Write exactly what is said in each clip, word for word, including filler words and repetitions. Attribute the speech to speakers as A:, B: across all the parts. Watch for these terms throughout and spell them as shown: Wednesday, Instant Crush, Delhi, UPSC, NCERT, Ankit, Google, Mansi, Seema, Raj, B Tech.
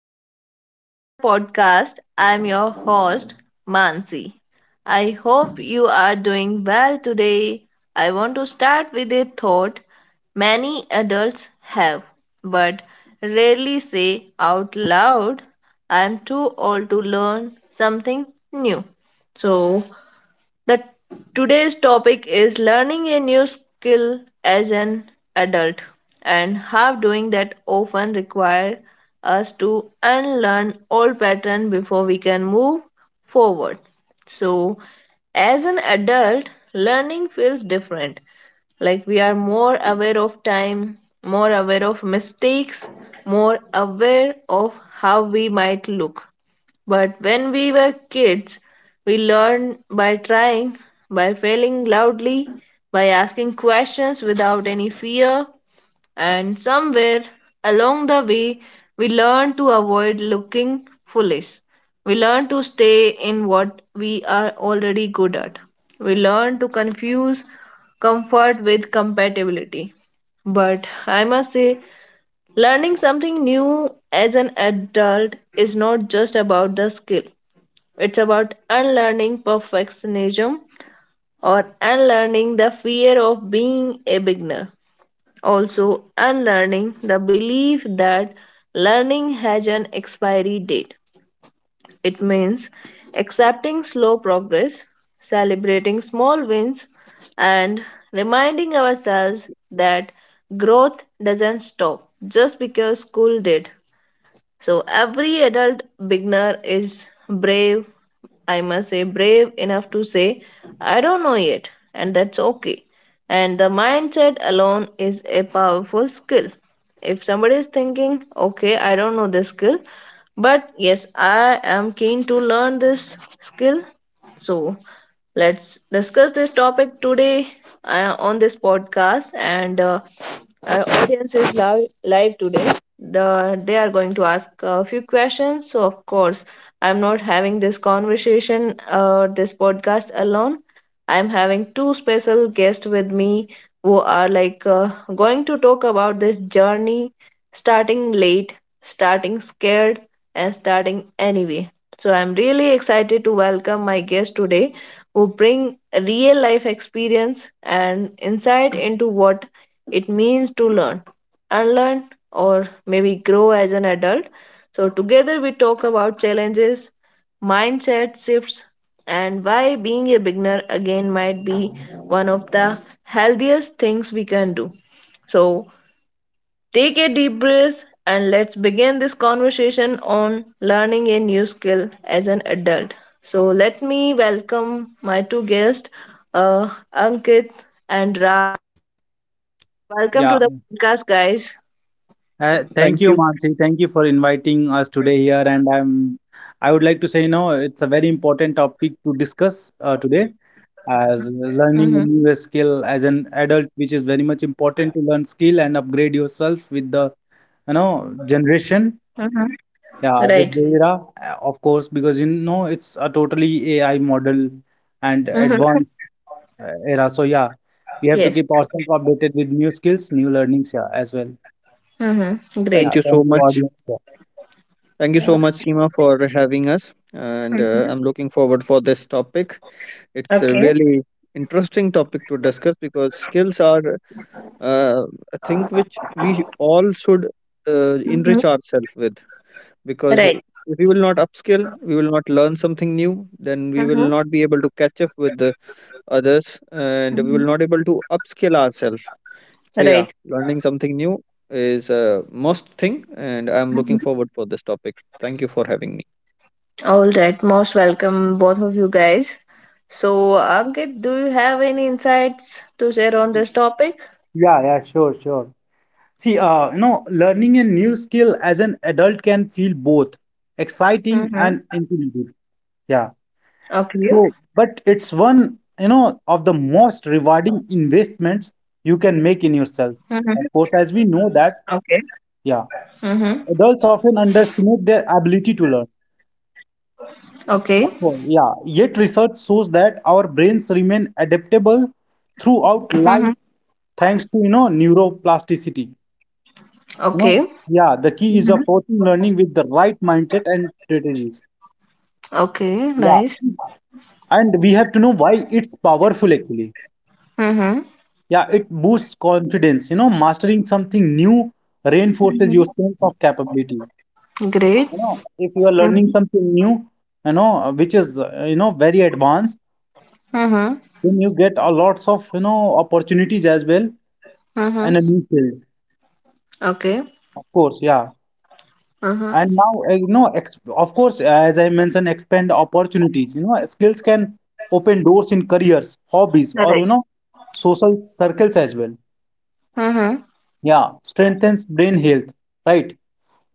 A: back to a- another podcast. I'm your host, Mansi. I hope you are doing well today. I want to start with a thought many adults have, but rarely say out loud. I'm too old to learn something new. So, the today's topic is learning a new skill as an adult and how doing that often require us to unlearn old pattern before we can move forward. So, as an adult, learning feels different. Like we are more aware of time, more aware of mistakes, more aware of how we might look. But when we were kids, we learned by trying, by failing loudly, by asking questions without any fear, and somewhere along the way, we learned to avoid looking foolish. We learn to stay in what we are already good at. We learn to confuse comfort with compatibility. But I must say, learning something new as an adult is not just about the skill. It's about unlearning perfectionism or unlearning the fear of being a beginner. Also, unlearning the belief that learning has an expiry date. It means accepting slow progress, celebrating small wins, and reminding ourselves that growth doesn't stop just because school did. So every adult beginner is brave, I must say, brave enough to say, I don't know yet, and that's okay. And the mindset alone is a powerful skill. If somebody is thinking, okay, I don't know this skill, but yes, I am keen to learn this skill, so let's discuss this topic today uh, on this podcast, and uh, our audience is live, live today. The they are going to ask a few questions, so of course I'm not having this conversation or this podcast alone. I'm having two special guests with me who are like uh, going to talk about this journey, starting late, starting scared, and starting anyway. So I'm really excited to welcome my guest today, who bring real life experience and insight into what it means to learn, unlearn, or maybe grow as an adult. So, together we talk about challenges, mindset shifts, and why being a beginner again might be one of the healthiest things we can do. So, take a deep breath and let's begin this conversation on learning a new skill as an adult. So, let me welcome my two guests, uh, Ankit and Ra. Welcome
B: Yeah,
A: to the podcast, guys.
B: uh, thank
C: Thank
B: you,
C: you.
B: Mansi. Thank you for inviting us today here. And I'm, I would like to say, you know, it's a very important topic to discuss uh, today,
A: Mm-hmm.
B: as learning a new skill as an adult, which is very much important to learn skill and upgrade yourself with the, you know, generation.
A: Mm-hmm. Right.
B: Yeah, with the era, uh, of course, because you know it's a totally A I model and
A: Mm-hmm.
B: advanced uh, era. So yeah, we have to
A: Yes.
B: keep ourselves updated with new skills, new learnings. Yeah, as well.
A: Mm-hmm.
B: Yeah,
C: Thank
A: Great.
C: you so
B: thank you,
C: much.
B: audience.
C: Thank you so much, Seema, for having us. And uh,
A: Mm-hmm.
C: I'm looking forward for this topic. It's a
A: Okay.
C: really interesting topic to discuss because skills are uh, a thing which we all should uh,
A: Mm-hmm.
C: enrich ourselves with. Because
A: Right.
C: if we will not upskill, we will not learn something new, then we
A: Mm-hmm.
C: will not be able to catch up with the others, and we
A: Mhm.
C: will not able to upskill ourselves. So yeah,
A: Right.
C: learning something new is a must thing, and I'm
A: Mhm.
C: looking forward for this topic. Thank you for having me.
A: All right. Most welcome, both of you guys. So, Ankit, do you have any insights to share on this topic?
B: Yeah, yeah, sure, sure. See, uh, you know, learning a new skill as an adult can feel both
A: Mm-hmm.
B: exciting and intimidating. Yeah.
A: Okay.
B: So, but it's one, you know, of the most rewarding investments you can make
A: Mm-hmm.
B: in yourself. Of course, as we
A: Okay.
B: know that,
A: Mm-hmm.
B: yeah, adults often underestimate their ability to learn.
A: Okay.
B: Of course, yeah. Yet research shows that our brains remain adaptable
A: Mm-hmm.
B: throughout life thanks to, you know, neuroplasticity. You
A: Okay.
B: know, yeah, the key is
A: Mm-hmm.
B: approaching learning with the right mindset and strategies.
A: Okay.
B: Yeah,
A: Nice.
B: and we have to know why it's powerful actually.
A: Mm-hmm.
B: Yeah, it boosts confidence. You know, mastering something new reinforces your
A: Mm-hmm.
B: sense of capability.
A: Great.
B: You know, if you are
A: Mm-hmm.
B: learning something new, you know, which is, uh, you know, very advanced,
A: Mm-hmm.
B: then you get a lots of, you know, opportunities as well in
A: Mm-hmm.
B: a new field.
A: Okay.
B: Of course, yeah.
A: Mm-hmm.
B: And now, uh, you know, ex of course, uh, as I mentioned, expand opportunities. You know, skills can open doors in careers, hobbies,
A: All
B: or,
A: right.
B: you know, social circles as well.
A: Mm-hmm.
B: Yeah, strengthens brain health, right?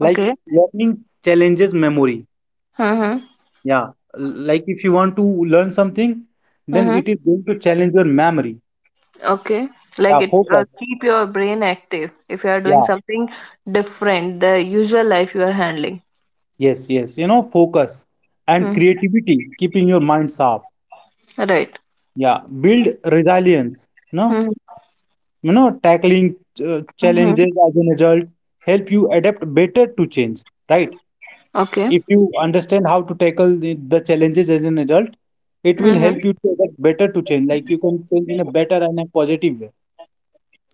B: Like learning challenges memory.
A: Mm-hmm.
B: Yeah, like if you want to learn something, then
A: Mm-hmm.
B: it is going to challenge your memory.
A: Okay, like
B: Yeah,
A: it uh,
B: focus.
A: keep your brain active if you are doing
B: Yeah,
A: something different the usual life you are handling.
B: yes, yes. You know, focus and
A: Hmm.
B: creativity, keeping your mind sharp.
A: Right.
B: Yeah, build resilience. No.
A: Mm-hmm.
B: You know, tackling uh,
A: Mm-hmm.
B: challenges as an adult help you adapt better to change, right?
A: Okay.
B: If you understand how to tackle the, the challenges as an adult, it will
A: Mm-hmm.
B: help you to adapt better to change. Like you can change in a better and a positive way,
A: Mm-hmm.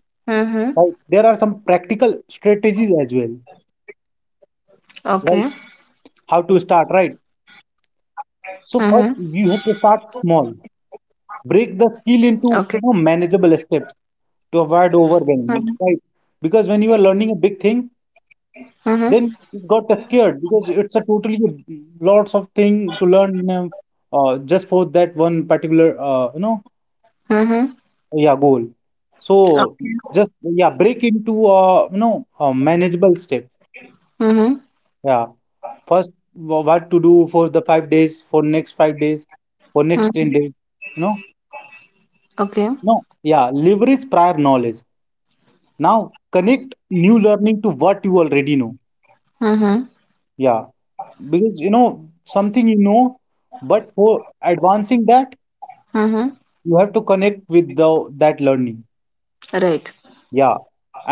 B: right? There are some practical strategies as well,
A: Okay.
B: right? How to start, right?
A: Mm-hmm.
B: So first, you have to start small. Break
A: Okay.
B: the skill into you know, manageable steps to avoid
A: Mm-hmm.
B: overwhelm, right? Because when you are learning a big thing,
A: Mm-hmm.
B: then it's got scared because it's a totally lots of thing to learn in a, uh, just for that one particular uh, you know
A: Mm-hmm.
B: yeah goal. So just yeah break into uh, you know a manageable step.
A: Mm-hmm.
B: Yeah, first wha- what to do for the five days for next five days, for next 10
A: Mm-hmm.
B: days, you know.
A: Okay.
B: No, yeah, leverage prior knowledge now, connect new learning to what you already know.
A: Mm-hmm.
B: Yeah, because you know something you know, but for advancing that,
A: Mm-hmm.
B: you have to connect with the that learning.
A: Right.
B: Yeah.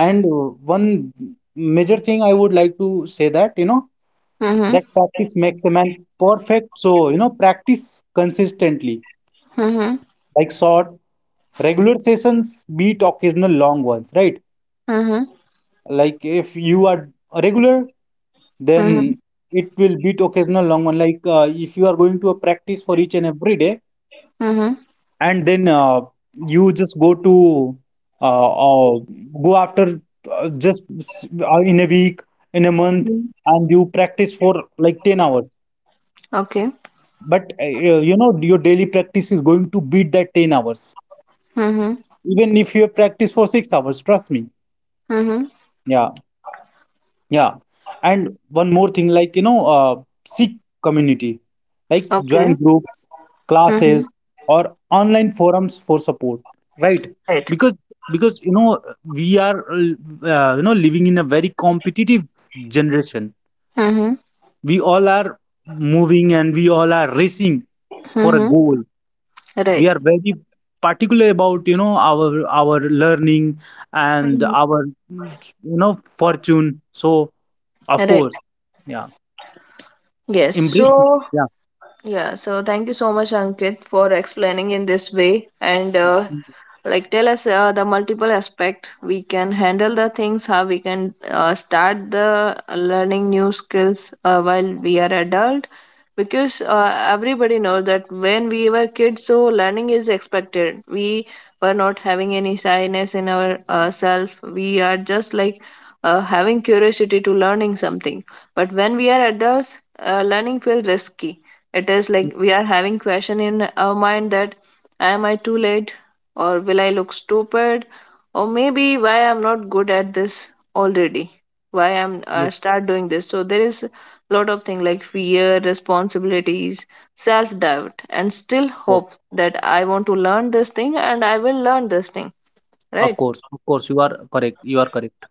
B: And uh, one major thing I would like to say that you know
A: Mm-hmm.
B: that practice makes a man perfect. So you know practice consistently,
A: Mm-hmm.
B: like short regular sessions beat occasional long ones, right?
A: Mm-hmm.
B: Like if you are regular,
A: Mm-hmm.
B: then it will beat occasional long one. Like uh, if you are going to a practice for each and every day,
A: Mm-hmm.
B: and then uh, you just go to uh, uh, go after, uh, just s- uh, in a week, in a month, and you practice for like 10 hours.
A: Okay.
B: But uh, you know your daily practice is going to beat that 10 hours,
A: Mm-hmm.
B: even if you have practiced for 6 hours, trust me.
A: Mm-hmm.
B: Yeah. Yeah, and one more thing, like you know, uh, seek community, like join
A: Okay.
B: groups,
A: Mm-hmm.
B: classes, or online forums for support, right?
A: Right.
B: Because because you know we are uh, you know living in a very competitive generation.
A: Mm-hmm.
B: We all are moving, and we all are racing for a
A: Mm-hmm.
B: goal. We
A: Right.
B: are very particular about you know our our learning and
A: Mhm.
B: our you know fortune. So of
A: Right.
B: course, yeah.
A: Yes,
B: Embrace it.
A: so
B: Yeah.
A: yeah, so thank you so much, Ankit, for explaining in this way. And
B: Mm,
A: uh,
B: mm,
A: like tell us uh, the multiple aspect we can handle the things how we can uh, start the learning new skills uh, while we are adult, because uh, everybody knows that when we were kids, so learning is expected. We were not having any shyness in our uh, self. We are just like uh, having curiosity to learning something, but when we are adults, uh, learning feels risky. It is
B: mm,
A: like we are having question in our mind that, am I too late, or will I look stupid, or maybe why I'm not good at this already, why I'm
B: Yes,
A: uh, start doing this? So there is a lot of thing like fear, responsibilities, self doubt, and still
B: of course.
A: hope that I want to learn this thing and I will learn this thing,
B: Of
A: right?
B: course. Of course. You are correct. You are correct.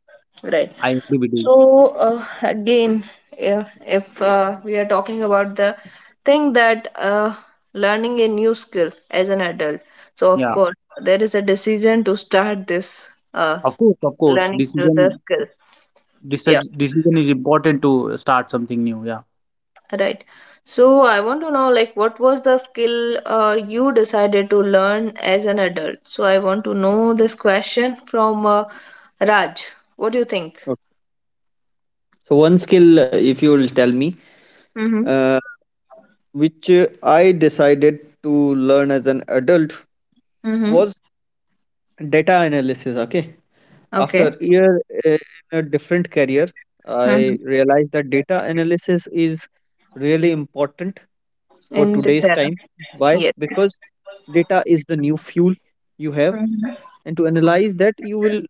A: Right.
B: I agree with you.
A: So uh, again, if, if uh, we are talking about the thing that uh, learning a new skill as an adult, so of
B: Yeah.
A: course there is a decision to start this uh,
B: Of
A: s-
B: course. Of course.
A: learning to the
B: Decision
A: skill. Yeah,
B: deci- decision is important to start something new. Yeah.
A: right. So I want to know, like, what was the skill uh, you decided to learn as an adult? So I want to know this question from uh, Raj. What do you think?
C: Okay. So one skill, uh, if you'll tell me,
A: Mm-hmm.
C: uh, which uh, I decided to learn as an adult
A: Mm-hmm.
C: was data analysis. Okay,
A: Okay.
C: after year uh, in a different career, I
A: Mm-hmm.
C: realized that data analysis is really important for
A: In this
C: today's
A: era.
C: time. Why?
A: Yes.
C: Because data is the new fuel you have,
A: Mm-hmm.
C: and to analyze that, you will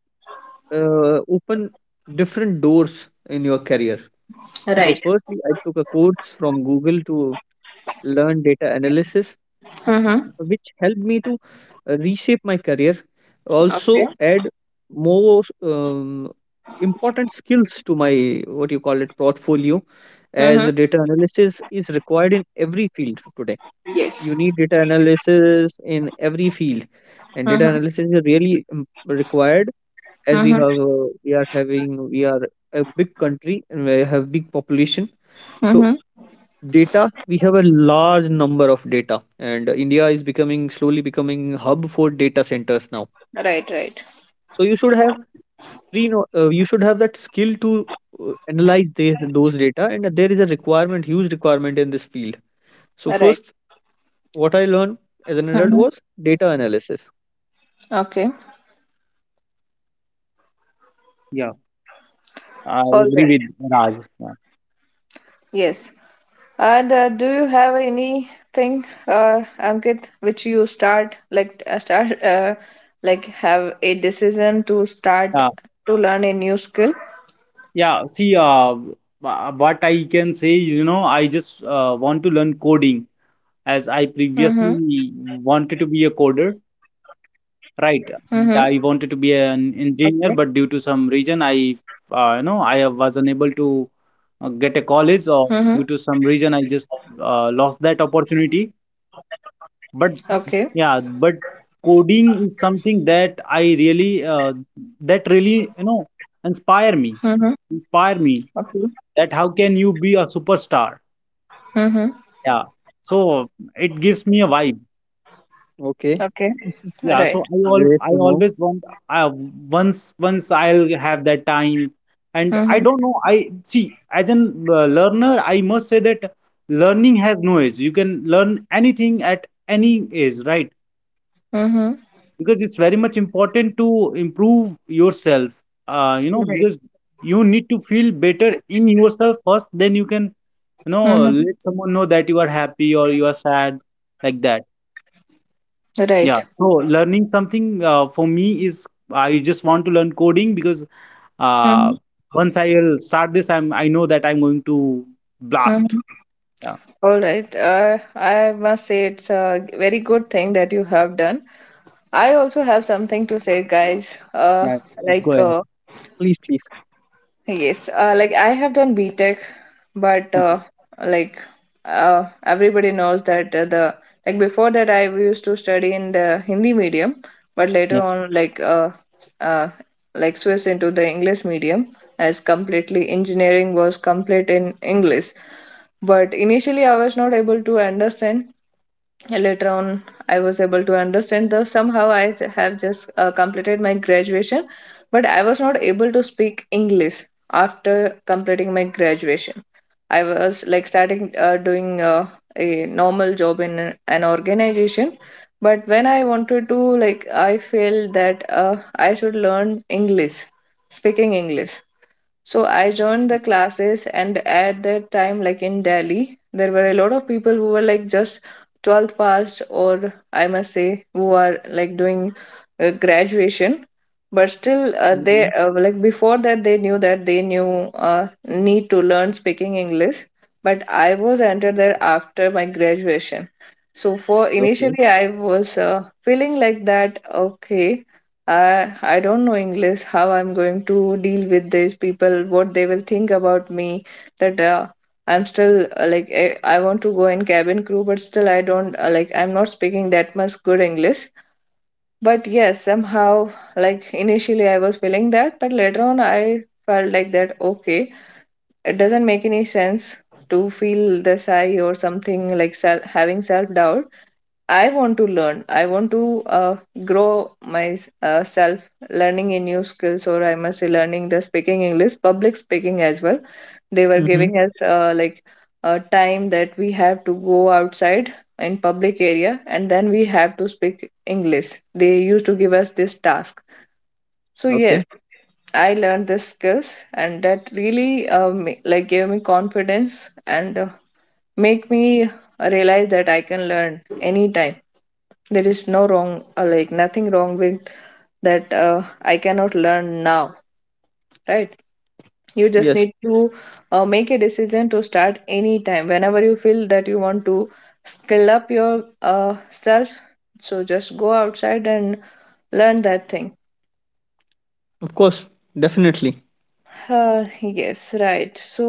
C: uh, open different doors in your career. So,
A: Right.
C: firstly, I took a course from Google to learn data analysis,
A: Mm-hmm.
C: which helped me to uh, reshape my career,
A: Okay.
C: also add more um, important skills to my what you call it portfolio, as
A: Mm-hmm.
C: data analysis is required in every field today. You
A: Yes.
C: need data analysis in every field, and data
A: Mm-hmm.
C: analysis is really um, required as we
A: Mm-hmm.
C: have uh, we are having we are a big country and we have big population. So
A: Mm-hmm.
C: data, we have a large number of data, and uh, India is becoming slowly becoming hub for data centers now.
A: Right. Right.
C: So you should have pre no- uh, you should have that skill to uh, analyze this, those data, and there is a requirement, huge requirement in this field. So
A: Right.
C: first what I learned as an adult
A: Mm-hmm.
C: was data analysis.
A: Okay.
B: Yeah. I
A: All
B: agree
A: right.
B: with Raj. Yeah.
A: Yes. And uh, do you have anything, uh, Ankit, which you start like uh, start uh, like have a decision to start
B: Yeah.
A: to learn a new skill?
B: Yeah. See, uh, wha- what I can say is, you know, I just uh, want to learn coding, as
A: Mm-hmm.
B: I previously wanted to be a coder.
A: Mm-hmm.
B: Right. And I wanted to
A: Okay.
B: be an engineer, but due to some reason, I, uh, you know, I was unable to uh, get
A: Mm-hmm.
B: a college, or due to some reason, I just uh, lost that opportunity.
A: Okay.
B: But yeah, but coding is something that I really, uh, that really, you know, inspire
A: Mm-hmm.
B: me, inspire me.
A: Okay.
B: That how can you be a superstar?
A: Mm-hmm.
B: Yeah. So it gives me a vibe.
C: Okay,
A: Okay.
B: Yeah,
A: Right.
B: so I all
C: great
B: I
C: to know.
B: always want. I once once I'll have that time, and
A: Mm-hmm.
B: I don't know. I see as an uh, learner, I must say that learning has no age. You can learn anything at any age, right?
A: Mm-hmm.
B: Because it's very much important to improve yourself, uh, you know
A: Right.
B: because you need to feel better in yourself first, then you can you know let someone know that you are happy or you are sad, like that. Yeah,
A: Mm-hmm.
B: so learning something uh, for me is, I just want to learn coding, because
A: Right.
B: uh, once I will start this, I'm I know that I'm going to blast.
A: Mhm.
B: Yeah,
A: All right. Uh, I must say it's a very good thing that you have done. I also have something to say, guys. Uh,
B: yeah. Please go
A: like
B: ahead.
A: uh,
C: Please, please.
A: Yes, uh, like I have done B Tech, but
B: Okay.
A: uh, like uh, everybody knows that uh, the like before that I used to study in the Hindi medium, but later
B: Yeah.
A: on like uh, uh like switched into the English medium as completely engineering was complete in English. But initially I was not able to understand, and later on I was able to understand, though somehow i s- have just uh, completed my graduation, but I was not able to speak English. After completing my graduation, I was like starting uh, doing uh, a normal job in an an organization. But when I wanted to, like I feel that uh, I should learn English, speaking English. So I joined the classes, and at that time, like in Delhi, there were a lot of people who were like just twelfth passed, or I must say, who are like doing uh, graduation, but still uh, they
C: Hmm.
A: uh, like before that, they knew that they knew uh, need to learn speaking English. But I was entered there after my graduation, so for
C: Okay.
A: initially I was uh, feeling like that, okay, I I don't know English, how I'm going to deal with these people, what they will think about me, that uh, I'm still uh, like I, I want to go in cabin crew, but still I don't, uh, like I'm not speaking that much good English. But yes, somehow like initially I was feeling that, but later on I felt like that, okay, it doesn't make any sense to feel this high or something like self, having self doubt. I want to learn. I want to uh, grow my uh, self learning in new skills, or I must say learning the speaking English, public speaking as well. They were
C: Hmm.
A: giving us uh, like a time that we have to go outside in public area, and then we have to speak English. They used to give us this task. So yes,
C: Okay.
A: I learned this skills, and that really um, like gave me confidence and uh, make me realize that I can learn anytime. There is no wrong, uh, like nothing wrong with that uh, I cannot learn now, right? You just
C: Yes.
A: need to uh, make a decision to start anytime whenever you feel that you want to skill up your uh, self, so just go outside and learn that thing.
C: Of course, definitely.
A: uh, yes, right. So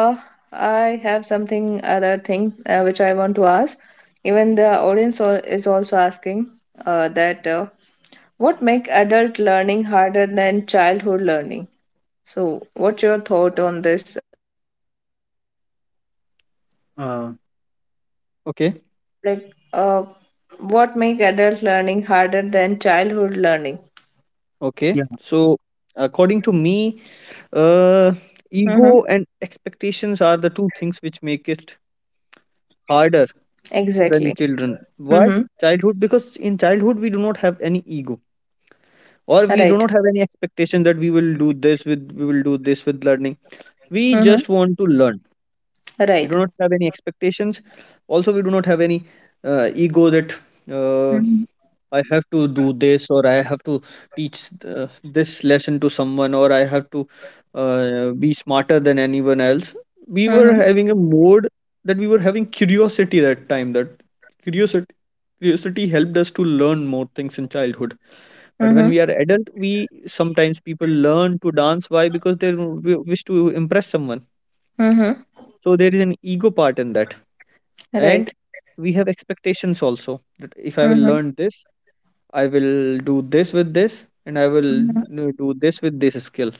A: uh, I have something other thing uh, which I want to ask. Even the audience al- is also asking uh, that uh, what make adult learning harder than childhood learning? So what's your thought on this?
B: Uh,
C: Okay,
A: like uh, what make adult learning harder than childhood learning?
C: okay.
B: yeah.
C: So, according to me,
A: Mm-hmm.
C: uh, ego and expectations are the two things which make it
A: Exactly.
C: harder than
A: Mm-hmm.
C: children. Why? Childhood, because in childhood we do not have any ego
A: Right.
C: or we do not have any expectation that we will do this with we will do this with learning. We
A: Mm-hmm.
C: just want to learn. We
A: Right.
C: do not have any expectations. Also, we do not have any uh, ego that. Uh,
A: Mm-hmm.
C: I have to do this, or I have to teach uh, this lesson to someone, or I have to uh, be smarter than anyone else. We were
A: Mm-hmm.
C: having a mode that we were having curiosity that time. That curiosity curiosity helped us to learn more things in childhood. But when
A: Mm-hmm.
C: we are adult, we sometimes people learn to dance. Why? Because they w- wish to impress someone.
A: Mm-hmm.
C: So there is an ego part in that, and
A: Right.
C: we have expectations also that if I will
A: Mm-hmm.
C: learn this, I will do this with this, and I will
A: Mm-hmm.
C: uh, do this with this skill.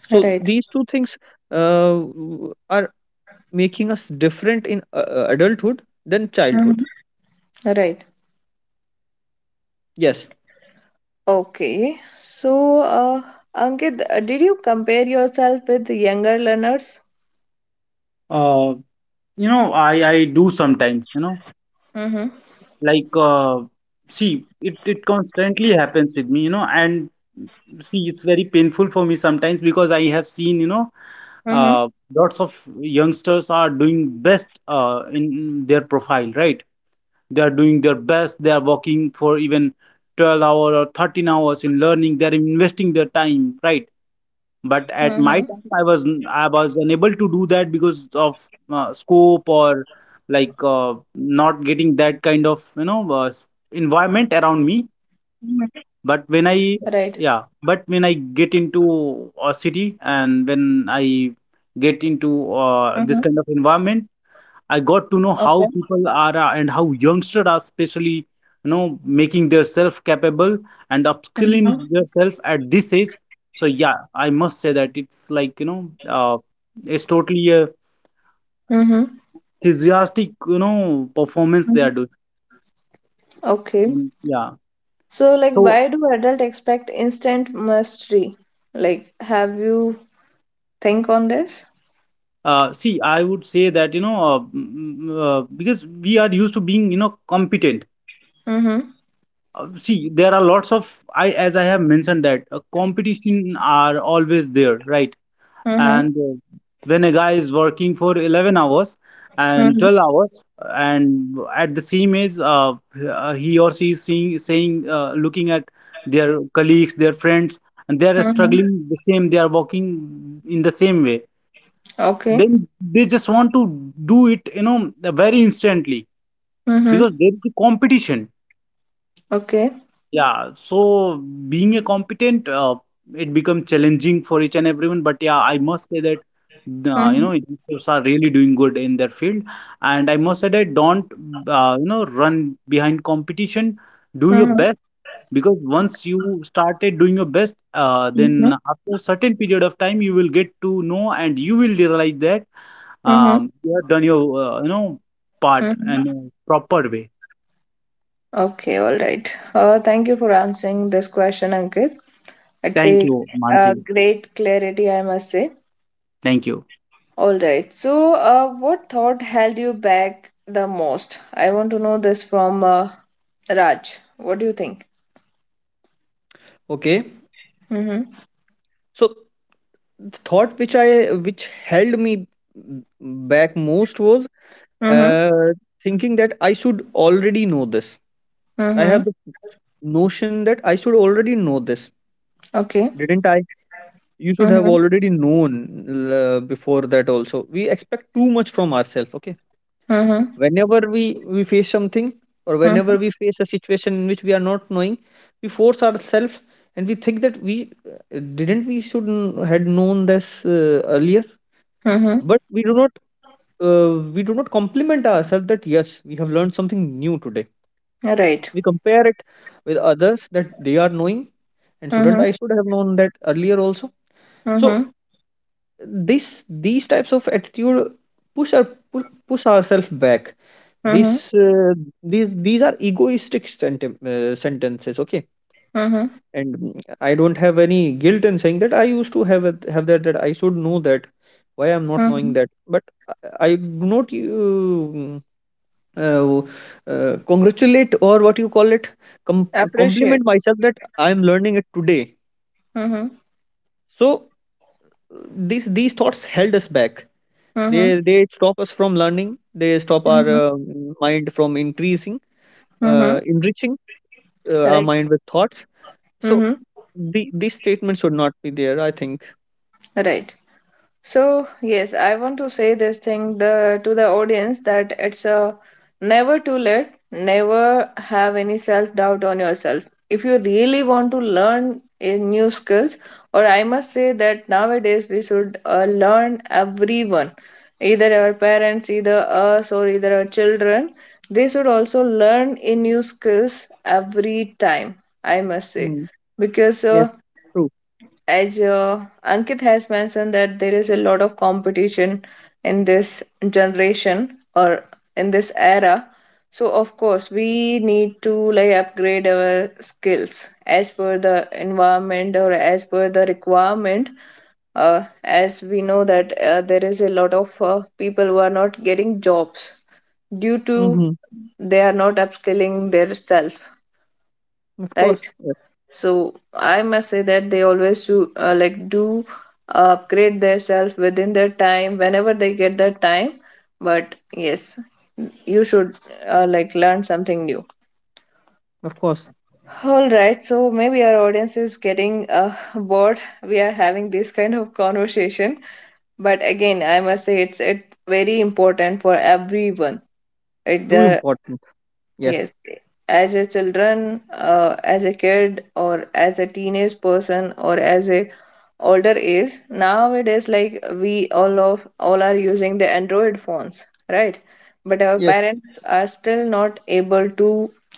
C: So
A: Right.
C: these two things uh, w- are making us different in uh, uh, adulthood than
A: Mm-hmm.
C: childhood.
A: Right.
C: Yes.
A: Okay, so uh, Ankit, uh, did you compare yourself with younger learners?
B: Uh, you know, I I do sometimes. You know,
A: Mm-hmm.
B: like uh, see, it it constantly happens with me. You know, and see, it's very painful for me sometimes because I have seen, you know
A: Mm-hmm.
B: uh, lots of youngsters are doing best uh, in their profile, right? They are doing their best, they are working for even 12 hours or 13 hours in learning, they are investing their time, right?
A: Mm-hmm.
B: But at my time, i was I was unable to do that because of uh, scope, or like uh, not getting that kind of you know uh, environment around me.
A: Right.
B: But when i yeah but when i get into a city, and when I get into
A: Mm-hmm.
B: uh, this kind of environment, I got to
A: Okay.
B: know how people are, uh, and how youngsters are, especially you know making themselves capable and
A: Mm-hmm.
B: upskilling themselves at this age. So yeah, I must say that it's like you know uh, it's totally a
A: Mm-hmm.
B: enthusiastic you know performance they
A: Mm-hmm.
B: are doing.
A: Okay.
B: And, yeah.
A: So, like,
B: So
A: why do adults expect instant mastery? Like, have you think on this?
B: uh, see, I would say that you know uh, mm, mm, uh, because we are used to being you know competent.
A: Mm-hmm.
B: Uh, see, there are lots of, I as I have mentioned, that uh, competition are always there, right?
A: Mm-hmm.
B: And uh, when a guy is working for 11 hours and
A: Mm-hmm.
B: 12 hours, and at the same age, uh, uh, he or she is seeing saying uh, looking at their colleagues, their friends, and they are
A: Mm-hmm.
B: struggling the same, they are working in the same way,
A: Okay.
B: then they just want to do it, you know very instantly,
A: Mm-hmm.
B: because there is a competition.
A: Okay.
B: Yeah, so being a competent, uh, it becomes challenging for each and everyone. But yeah, I must say that uh, you
A: Mm-hmm.
B: know youngsters are really doing good in their field, and I must say that don't, uh, you know run behind competition. Do your
A: Mm-hmm.
B: best, because once you started doing your best, uh,
A: Mm-hmm.
B: then after a certain period of time, you will get to know and you will realize that,
A: Mm-hmm.
B: um, you have done your, uh, you know part in
A: Mm-hmm.
B: a proper way.
A: Okay. All right. Uh, thank you for answering this question, Ankit. It's
B: Thank
A: a
B: you,
A: uh,
B: Mansi.
A: great clarity, I must say.
B: Thank you.
A: All right. So, uh, what thought held you back the most? I want to know this from uh, Raj. What do you think?
C: Okay.
A: Mm-hmm.
C: So the thought which I which held me m- back most was
A: Mm-hmm.
C: uh, thinking that I should already know this. I have
A: Mm-hmm.
C: the notion that I should already know this.
A: Okay.
C: Didn't I, you should have
A: Mm-hmm.
C: already known l- uh, before that. Also, we expect too much from ourselves, okay,
A: Mm-hmm.
C: whenever we we face something, or
A: Mm-hmm.
C: whenever we face a situation in which we are not knowing, we force ourselves, and we think that we uh, didn't we should n- had known this uh, earlier.
A: Mm-hmm.
C: But we do not uh, we do not compliment ourselves that yes, we have learned something new today.
A: Right.
C: We compare it with others, that they are knowing, and
A: Mm-hmm.
C: shouldn't I should have known that earlier also. So
A: Mm-hmm.
C: this these types of attitude push our pu- push ourselves back.
A: Mm-hmm.
C: This uh, these these are egoistic sentem- uh, sentences, okay.
A: Mm-hmm.
C: And mm, I don't have any guilt in saying that I used to have it, have that, that I should know that, why I'm not
A: Mm-hmm.
C: knowing that. But i, I do not you uh, uh, congratulate, or what you call it, com-
A: Appreciate.
C: compliment myself that I'm learning it today.
A: Mm-hmm.
C: So uh, these these thoughts held us back.
A: Mm-hmm.
C: They they stop us from learning. They stop our
A: Mm-hmm.
C: uh, mind from increasing,
A: Mm-hmm.
C: uh, enriching uh, our
A: Right.
C: mind with thoughts. So
A: Mm-hmm.
C: the these statements should not be there, I think.
A: Right. So, yes, I want to say this thing the to the audience that it's a never too late, never have any self-doubt on yourself. If you really want to learn a new skills, or I must say that nowadays we should uh, learn everyone, either our parents, either us, or either our children, they should also learn a new skills every time, I must say.
C: Mm,
A: Because uh,
C: yes. True.
A: as uh, Ankit has mentioned that there is a lot of competition in this generation or in this era. So of course we need to like upgrade our skills as per the environment or as per the requirement. Uh, as we know that uh, there is a lot of uh, people who are not getting jobs due to
C: Hmm.
A: they are not upskilling their self,
C: Of
A: right?
C: course. Yes.
A: So I must say that they always do uh, like do upgrade themselves within their time whenever they get their time. But yes, you should uh, like learn something new.
C: Of course.
A: All right, so maybe our audience is getting uh, bored. We are having this kind of conversation, but again, I must say it's it's very important for everyone. It,
C: Too
A: there
C: important. Yes.
A: Yes, as a children, uh, as a kid, or as a teenage person, or as a older age, nowadays like we all of all are using the Android phones, right? But our
C: Yes.
A: parents are still not able to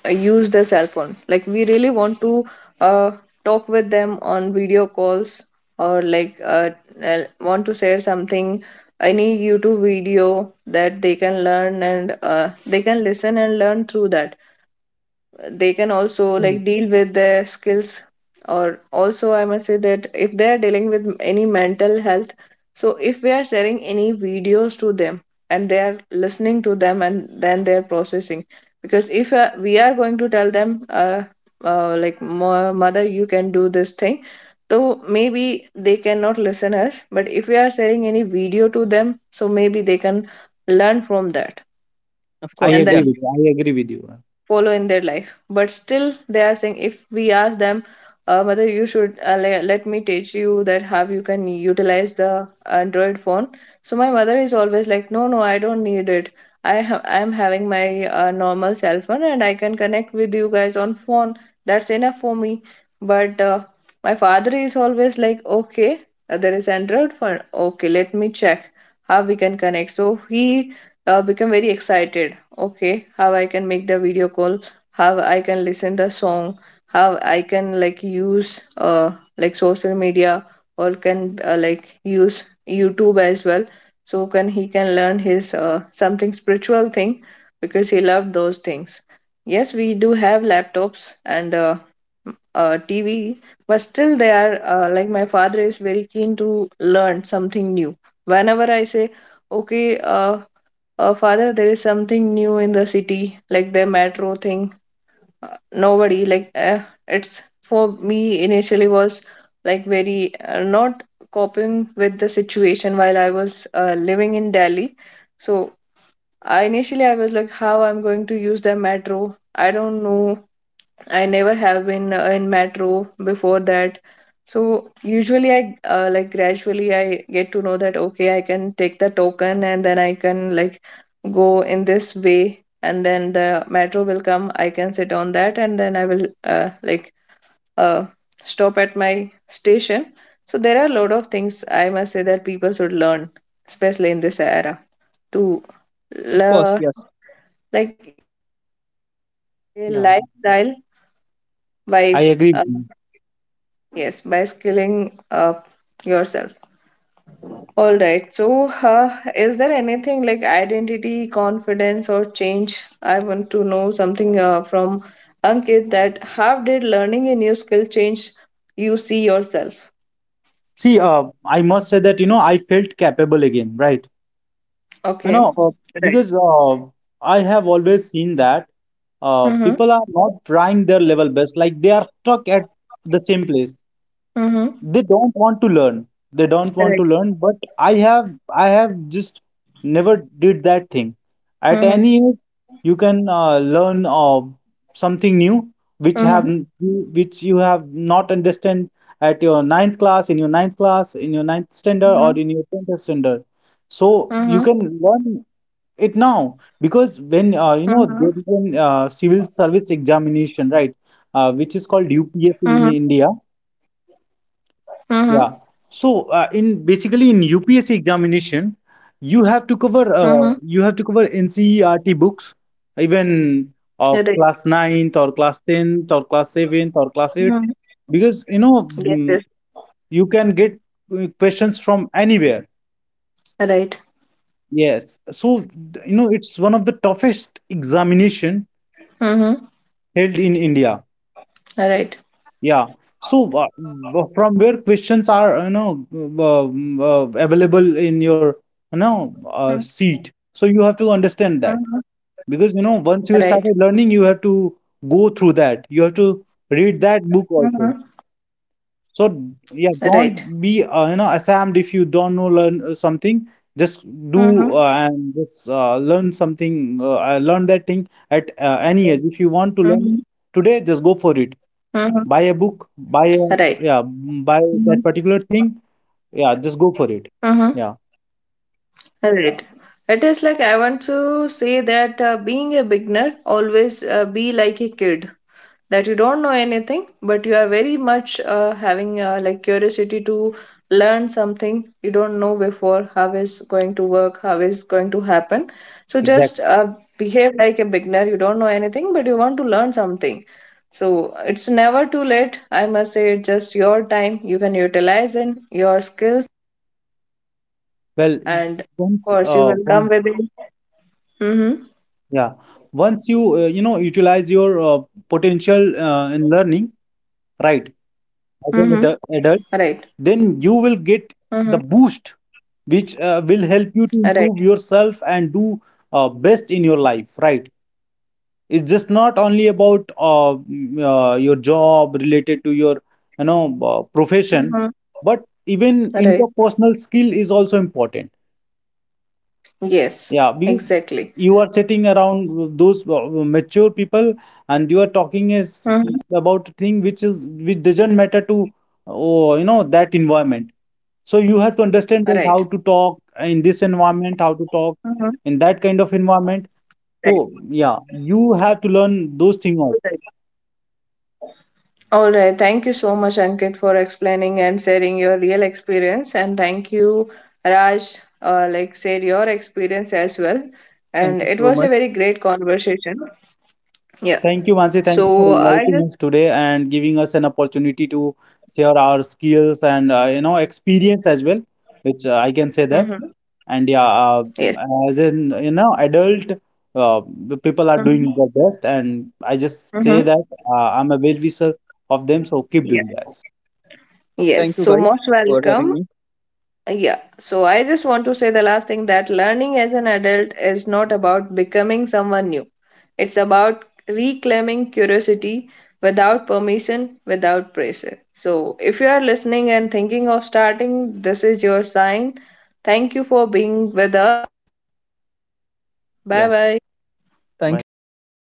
A: uh, use the cell phone like we really want to uh, talk with them on video calls or like uh, uh, want to share something, any YouTube video that they can learn and uh, they can listen and learn through that. They can also like deal with their skills, or also I must say that if they are dealing with any mental health, so if we are sharing any videos to them and they are listening to them and then they are processing. Because if uh, we are going to tell them uh, uh, like, "Mo- mother, you can do this thing," so maybe they cannot listen us, but if we are sharing any video to them, so maybe they can learn from that
C: Of
B: I
C: course.
A: and
C: Yeah.
B: agree
A: then
B: with you. I agree with you.
A: follow in their life. But still they are saying, if we ask them, uh, whether you should uh, le- let me teach you that how you can utilize the Android phone, so my mother is always like, no, no, I don't need it. I have i am having my uh, normal cell phone and I can connect with you guys on phone, that's enough for me. But uh, my father is always like, okay, uh, there is Android phone, okay, let me check how we can connect. So he uh, became very excited, okay, how I can make the video call, how I can listen the song, how I can like use uh like social media, or can uh, like use YouTube as well, so can he can learn his uh, something spiritual thing, because he loved those things. Yes, we do have laptops and uh, uh, TV, but still they are uh, like my father is very keen to learn something new. Whenever I say, okay, uh, uh, father, there is something new in the city like the metro thing. Nobody like uh, it's for me initially was like very uh, not coping with the situation while I was uh, living in Delhi. So I initially I was like, how I'm going to use the metro, I don't know. I never have been uh, in metro before that. So usually I uh, like gradually I get to know that okay I can take the token and then I can like go in this way and then the metro will come, I can sit on that and then I will uh, like uh, stop at my station. So there are a lot of things I must say that people should learn, especially in this era, to
C: Of course.
A: learn
C: Yes.
A: like a
B: Yeah,
A: lifestyle by
B: I
A: uh,
B: agree with you.
A: yes, by skilling up yourself. All right. So, uh, is there anything like identity, confidence, or change? I want to know something uh, from Ankit, that how did learning a new skill change you see yourself?
B: See, uh, I must say that, you know, I felt capable again, right? You know,
A: Okay.
B: uh,
A: Right.
B: because uh, I have always seen that uh, people are
A: Mm-hmm.
B: not trying their level best, like they are stuck at the same place. They don't
A: Mm-hmm.
B: want to learn. They don't want to learn. But
A: Correct.
B: i have i have just never did that thing. At any age,
A: Mm-hmm.
B: you can uh, learn uh, something new, which have n-
A: Mm-hmm.
B: which you have not understand at your ninth class, in your ninth class in your ninth standard, or in your tenth
A: Mm-hmm.
B: standard. So you can learn
A: Mm-hmm.
B: it now, because when, uh, you know there is
A: Mm-hmm.
B: an uh, civil service examination, right, uh, which is called U P S C
A: Mm-hmm.
B: in India. Yeah.
A: Mm-hmm.
B: So uh, in basically in U P S C examination, you have to cover, uh,
A: Mm-hmm.
B: you have to cover N C E R T books, even of class
A: Right.
B: ninth or class tenth or class seventh or class eighth,
A: Mm-hmm.
B: because you know mm,
A: Yes. Yes.
B: you can get uh, questions from anywhere.
A: Right.
B: Yes. So th- you know it's one of the toughest examination held in
A: Mm-hmm.
B: India. Yeah.
A: Right.
B: So uh, w- from where questions are, you know, um, uh, available in your, you know, uh, seat.
A: Mm-hmm.
B: So you have to understand that, because you know once you started
A: Right.
B: learning, you have to go through that. You have to read that book also.
A: Mm-hmm.
B: So yeah,
A: Right.
B: don't be uh, you know ashamed if you don't know learn uh, something. Just do, uh, and
A: Mhm,
B: just uh, learn something. Uh, uh, learn that thing at uh, any age. If you want to learn
A: mhm,
B: today, just go for it,
A: mhm.
B: buy a book, buy a
A: Right.
B: yeah, mm, buy that
A: Mhm,
B: particular thing. Yeah, just go for it.
A: mhm.
B: Yeah,
A: Right. It is like I want to say that uh, being a beginner, always uh, be like a kid, that you don't know anything but you are very much uh, having uh, like curiosity to learn something you don't know before, how is going to work, how is going to happen. So just
B: exactly.
A: uh, behave like a beginner, you don't know anything but you want to learn something. So it's never too late, I must say, it's just your time, you can utilize in your skills,
B: Well, y-
A: and of
B: once uh,
A: course you
B: one
A: will come with it. Mm-hmm.
B: yeah, once you uh, you know utilize your uh, potential uh, in learning, right? As an
A: Mm-hmm.
B: adu- adult,
A: Right.
B: then you will get
A: Mm-hmm.
B: the boost, which uh, will help you to
A: Right.
B: improve yourself and do uh, best in your life, right? It's just not only about uh, mm, uh, your job related to your, you know uh, profession,
A: Mm-hmm.
B: but even
A: Right.
B: interpersonal skill is also important. Yeah,
A: Yes.
B: because
A: Exactly.
B: you are sitting around those uh, mature people, and you are talking is
A: Mm-hmm.
B: about a thing which is which doesn't matter to, oh, you know that environment. So you have to understand
A: All
B: that how
A: right.
B: to talk in this environment, how to talk
A: Mhm.
B: in that kind of environment.
A: Right.
B: So yeah, you have to learn those things.
A: Right. All right. Thank you so much, Ankit, for explaining and sharing your real experience. And thank you, Raj, uh, like said your experience as well.
C: Thank
A: And
C: you
A: it
C: so
A: was a
C: much.
A: very great conversation. Yeah.
B: Thank you, Mansi. Thank you for
A: So I
B: inviting
A: just
B: us today and giving us an opportunity to share our skills and, uh, you know experience as well, which uh, I can say that.
A: mm-hmm.
B: And yeah, uh,
A: Yes.
B: as in you know adult, uh, the people are
A: Mm-hmm.
B: doing their best, and I just
A: Mm-hmm.
B: say that uh, I'm a well wisher of them. So keep
A: Yeah.
B: doing that.
A: Yes,
C: Thank you
A: so
C: guys
A: most
C: for having
A: welcome.
C: me.
A: Yeah, so I just want to say the last thing, that learning as an adult is not about becoming someone new. It's about reclaiming curiosity without permission, without pressure. So, if you are listening and thinking of starting, this is your sign. Thank you for being with us. Bye
B: Yeah.
A: bye.
C: Thank you
B: Bye.
C: so much, guys.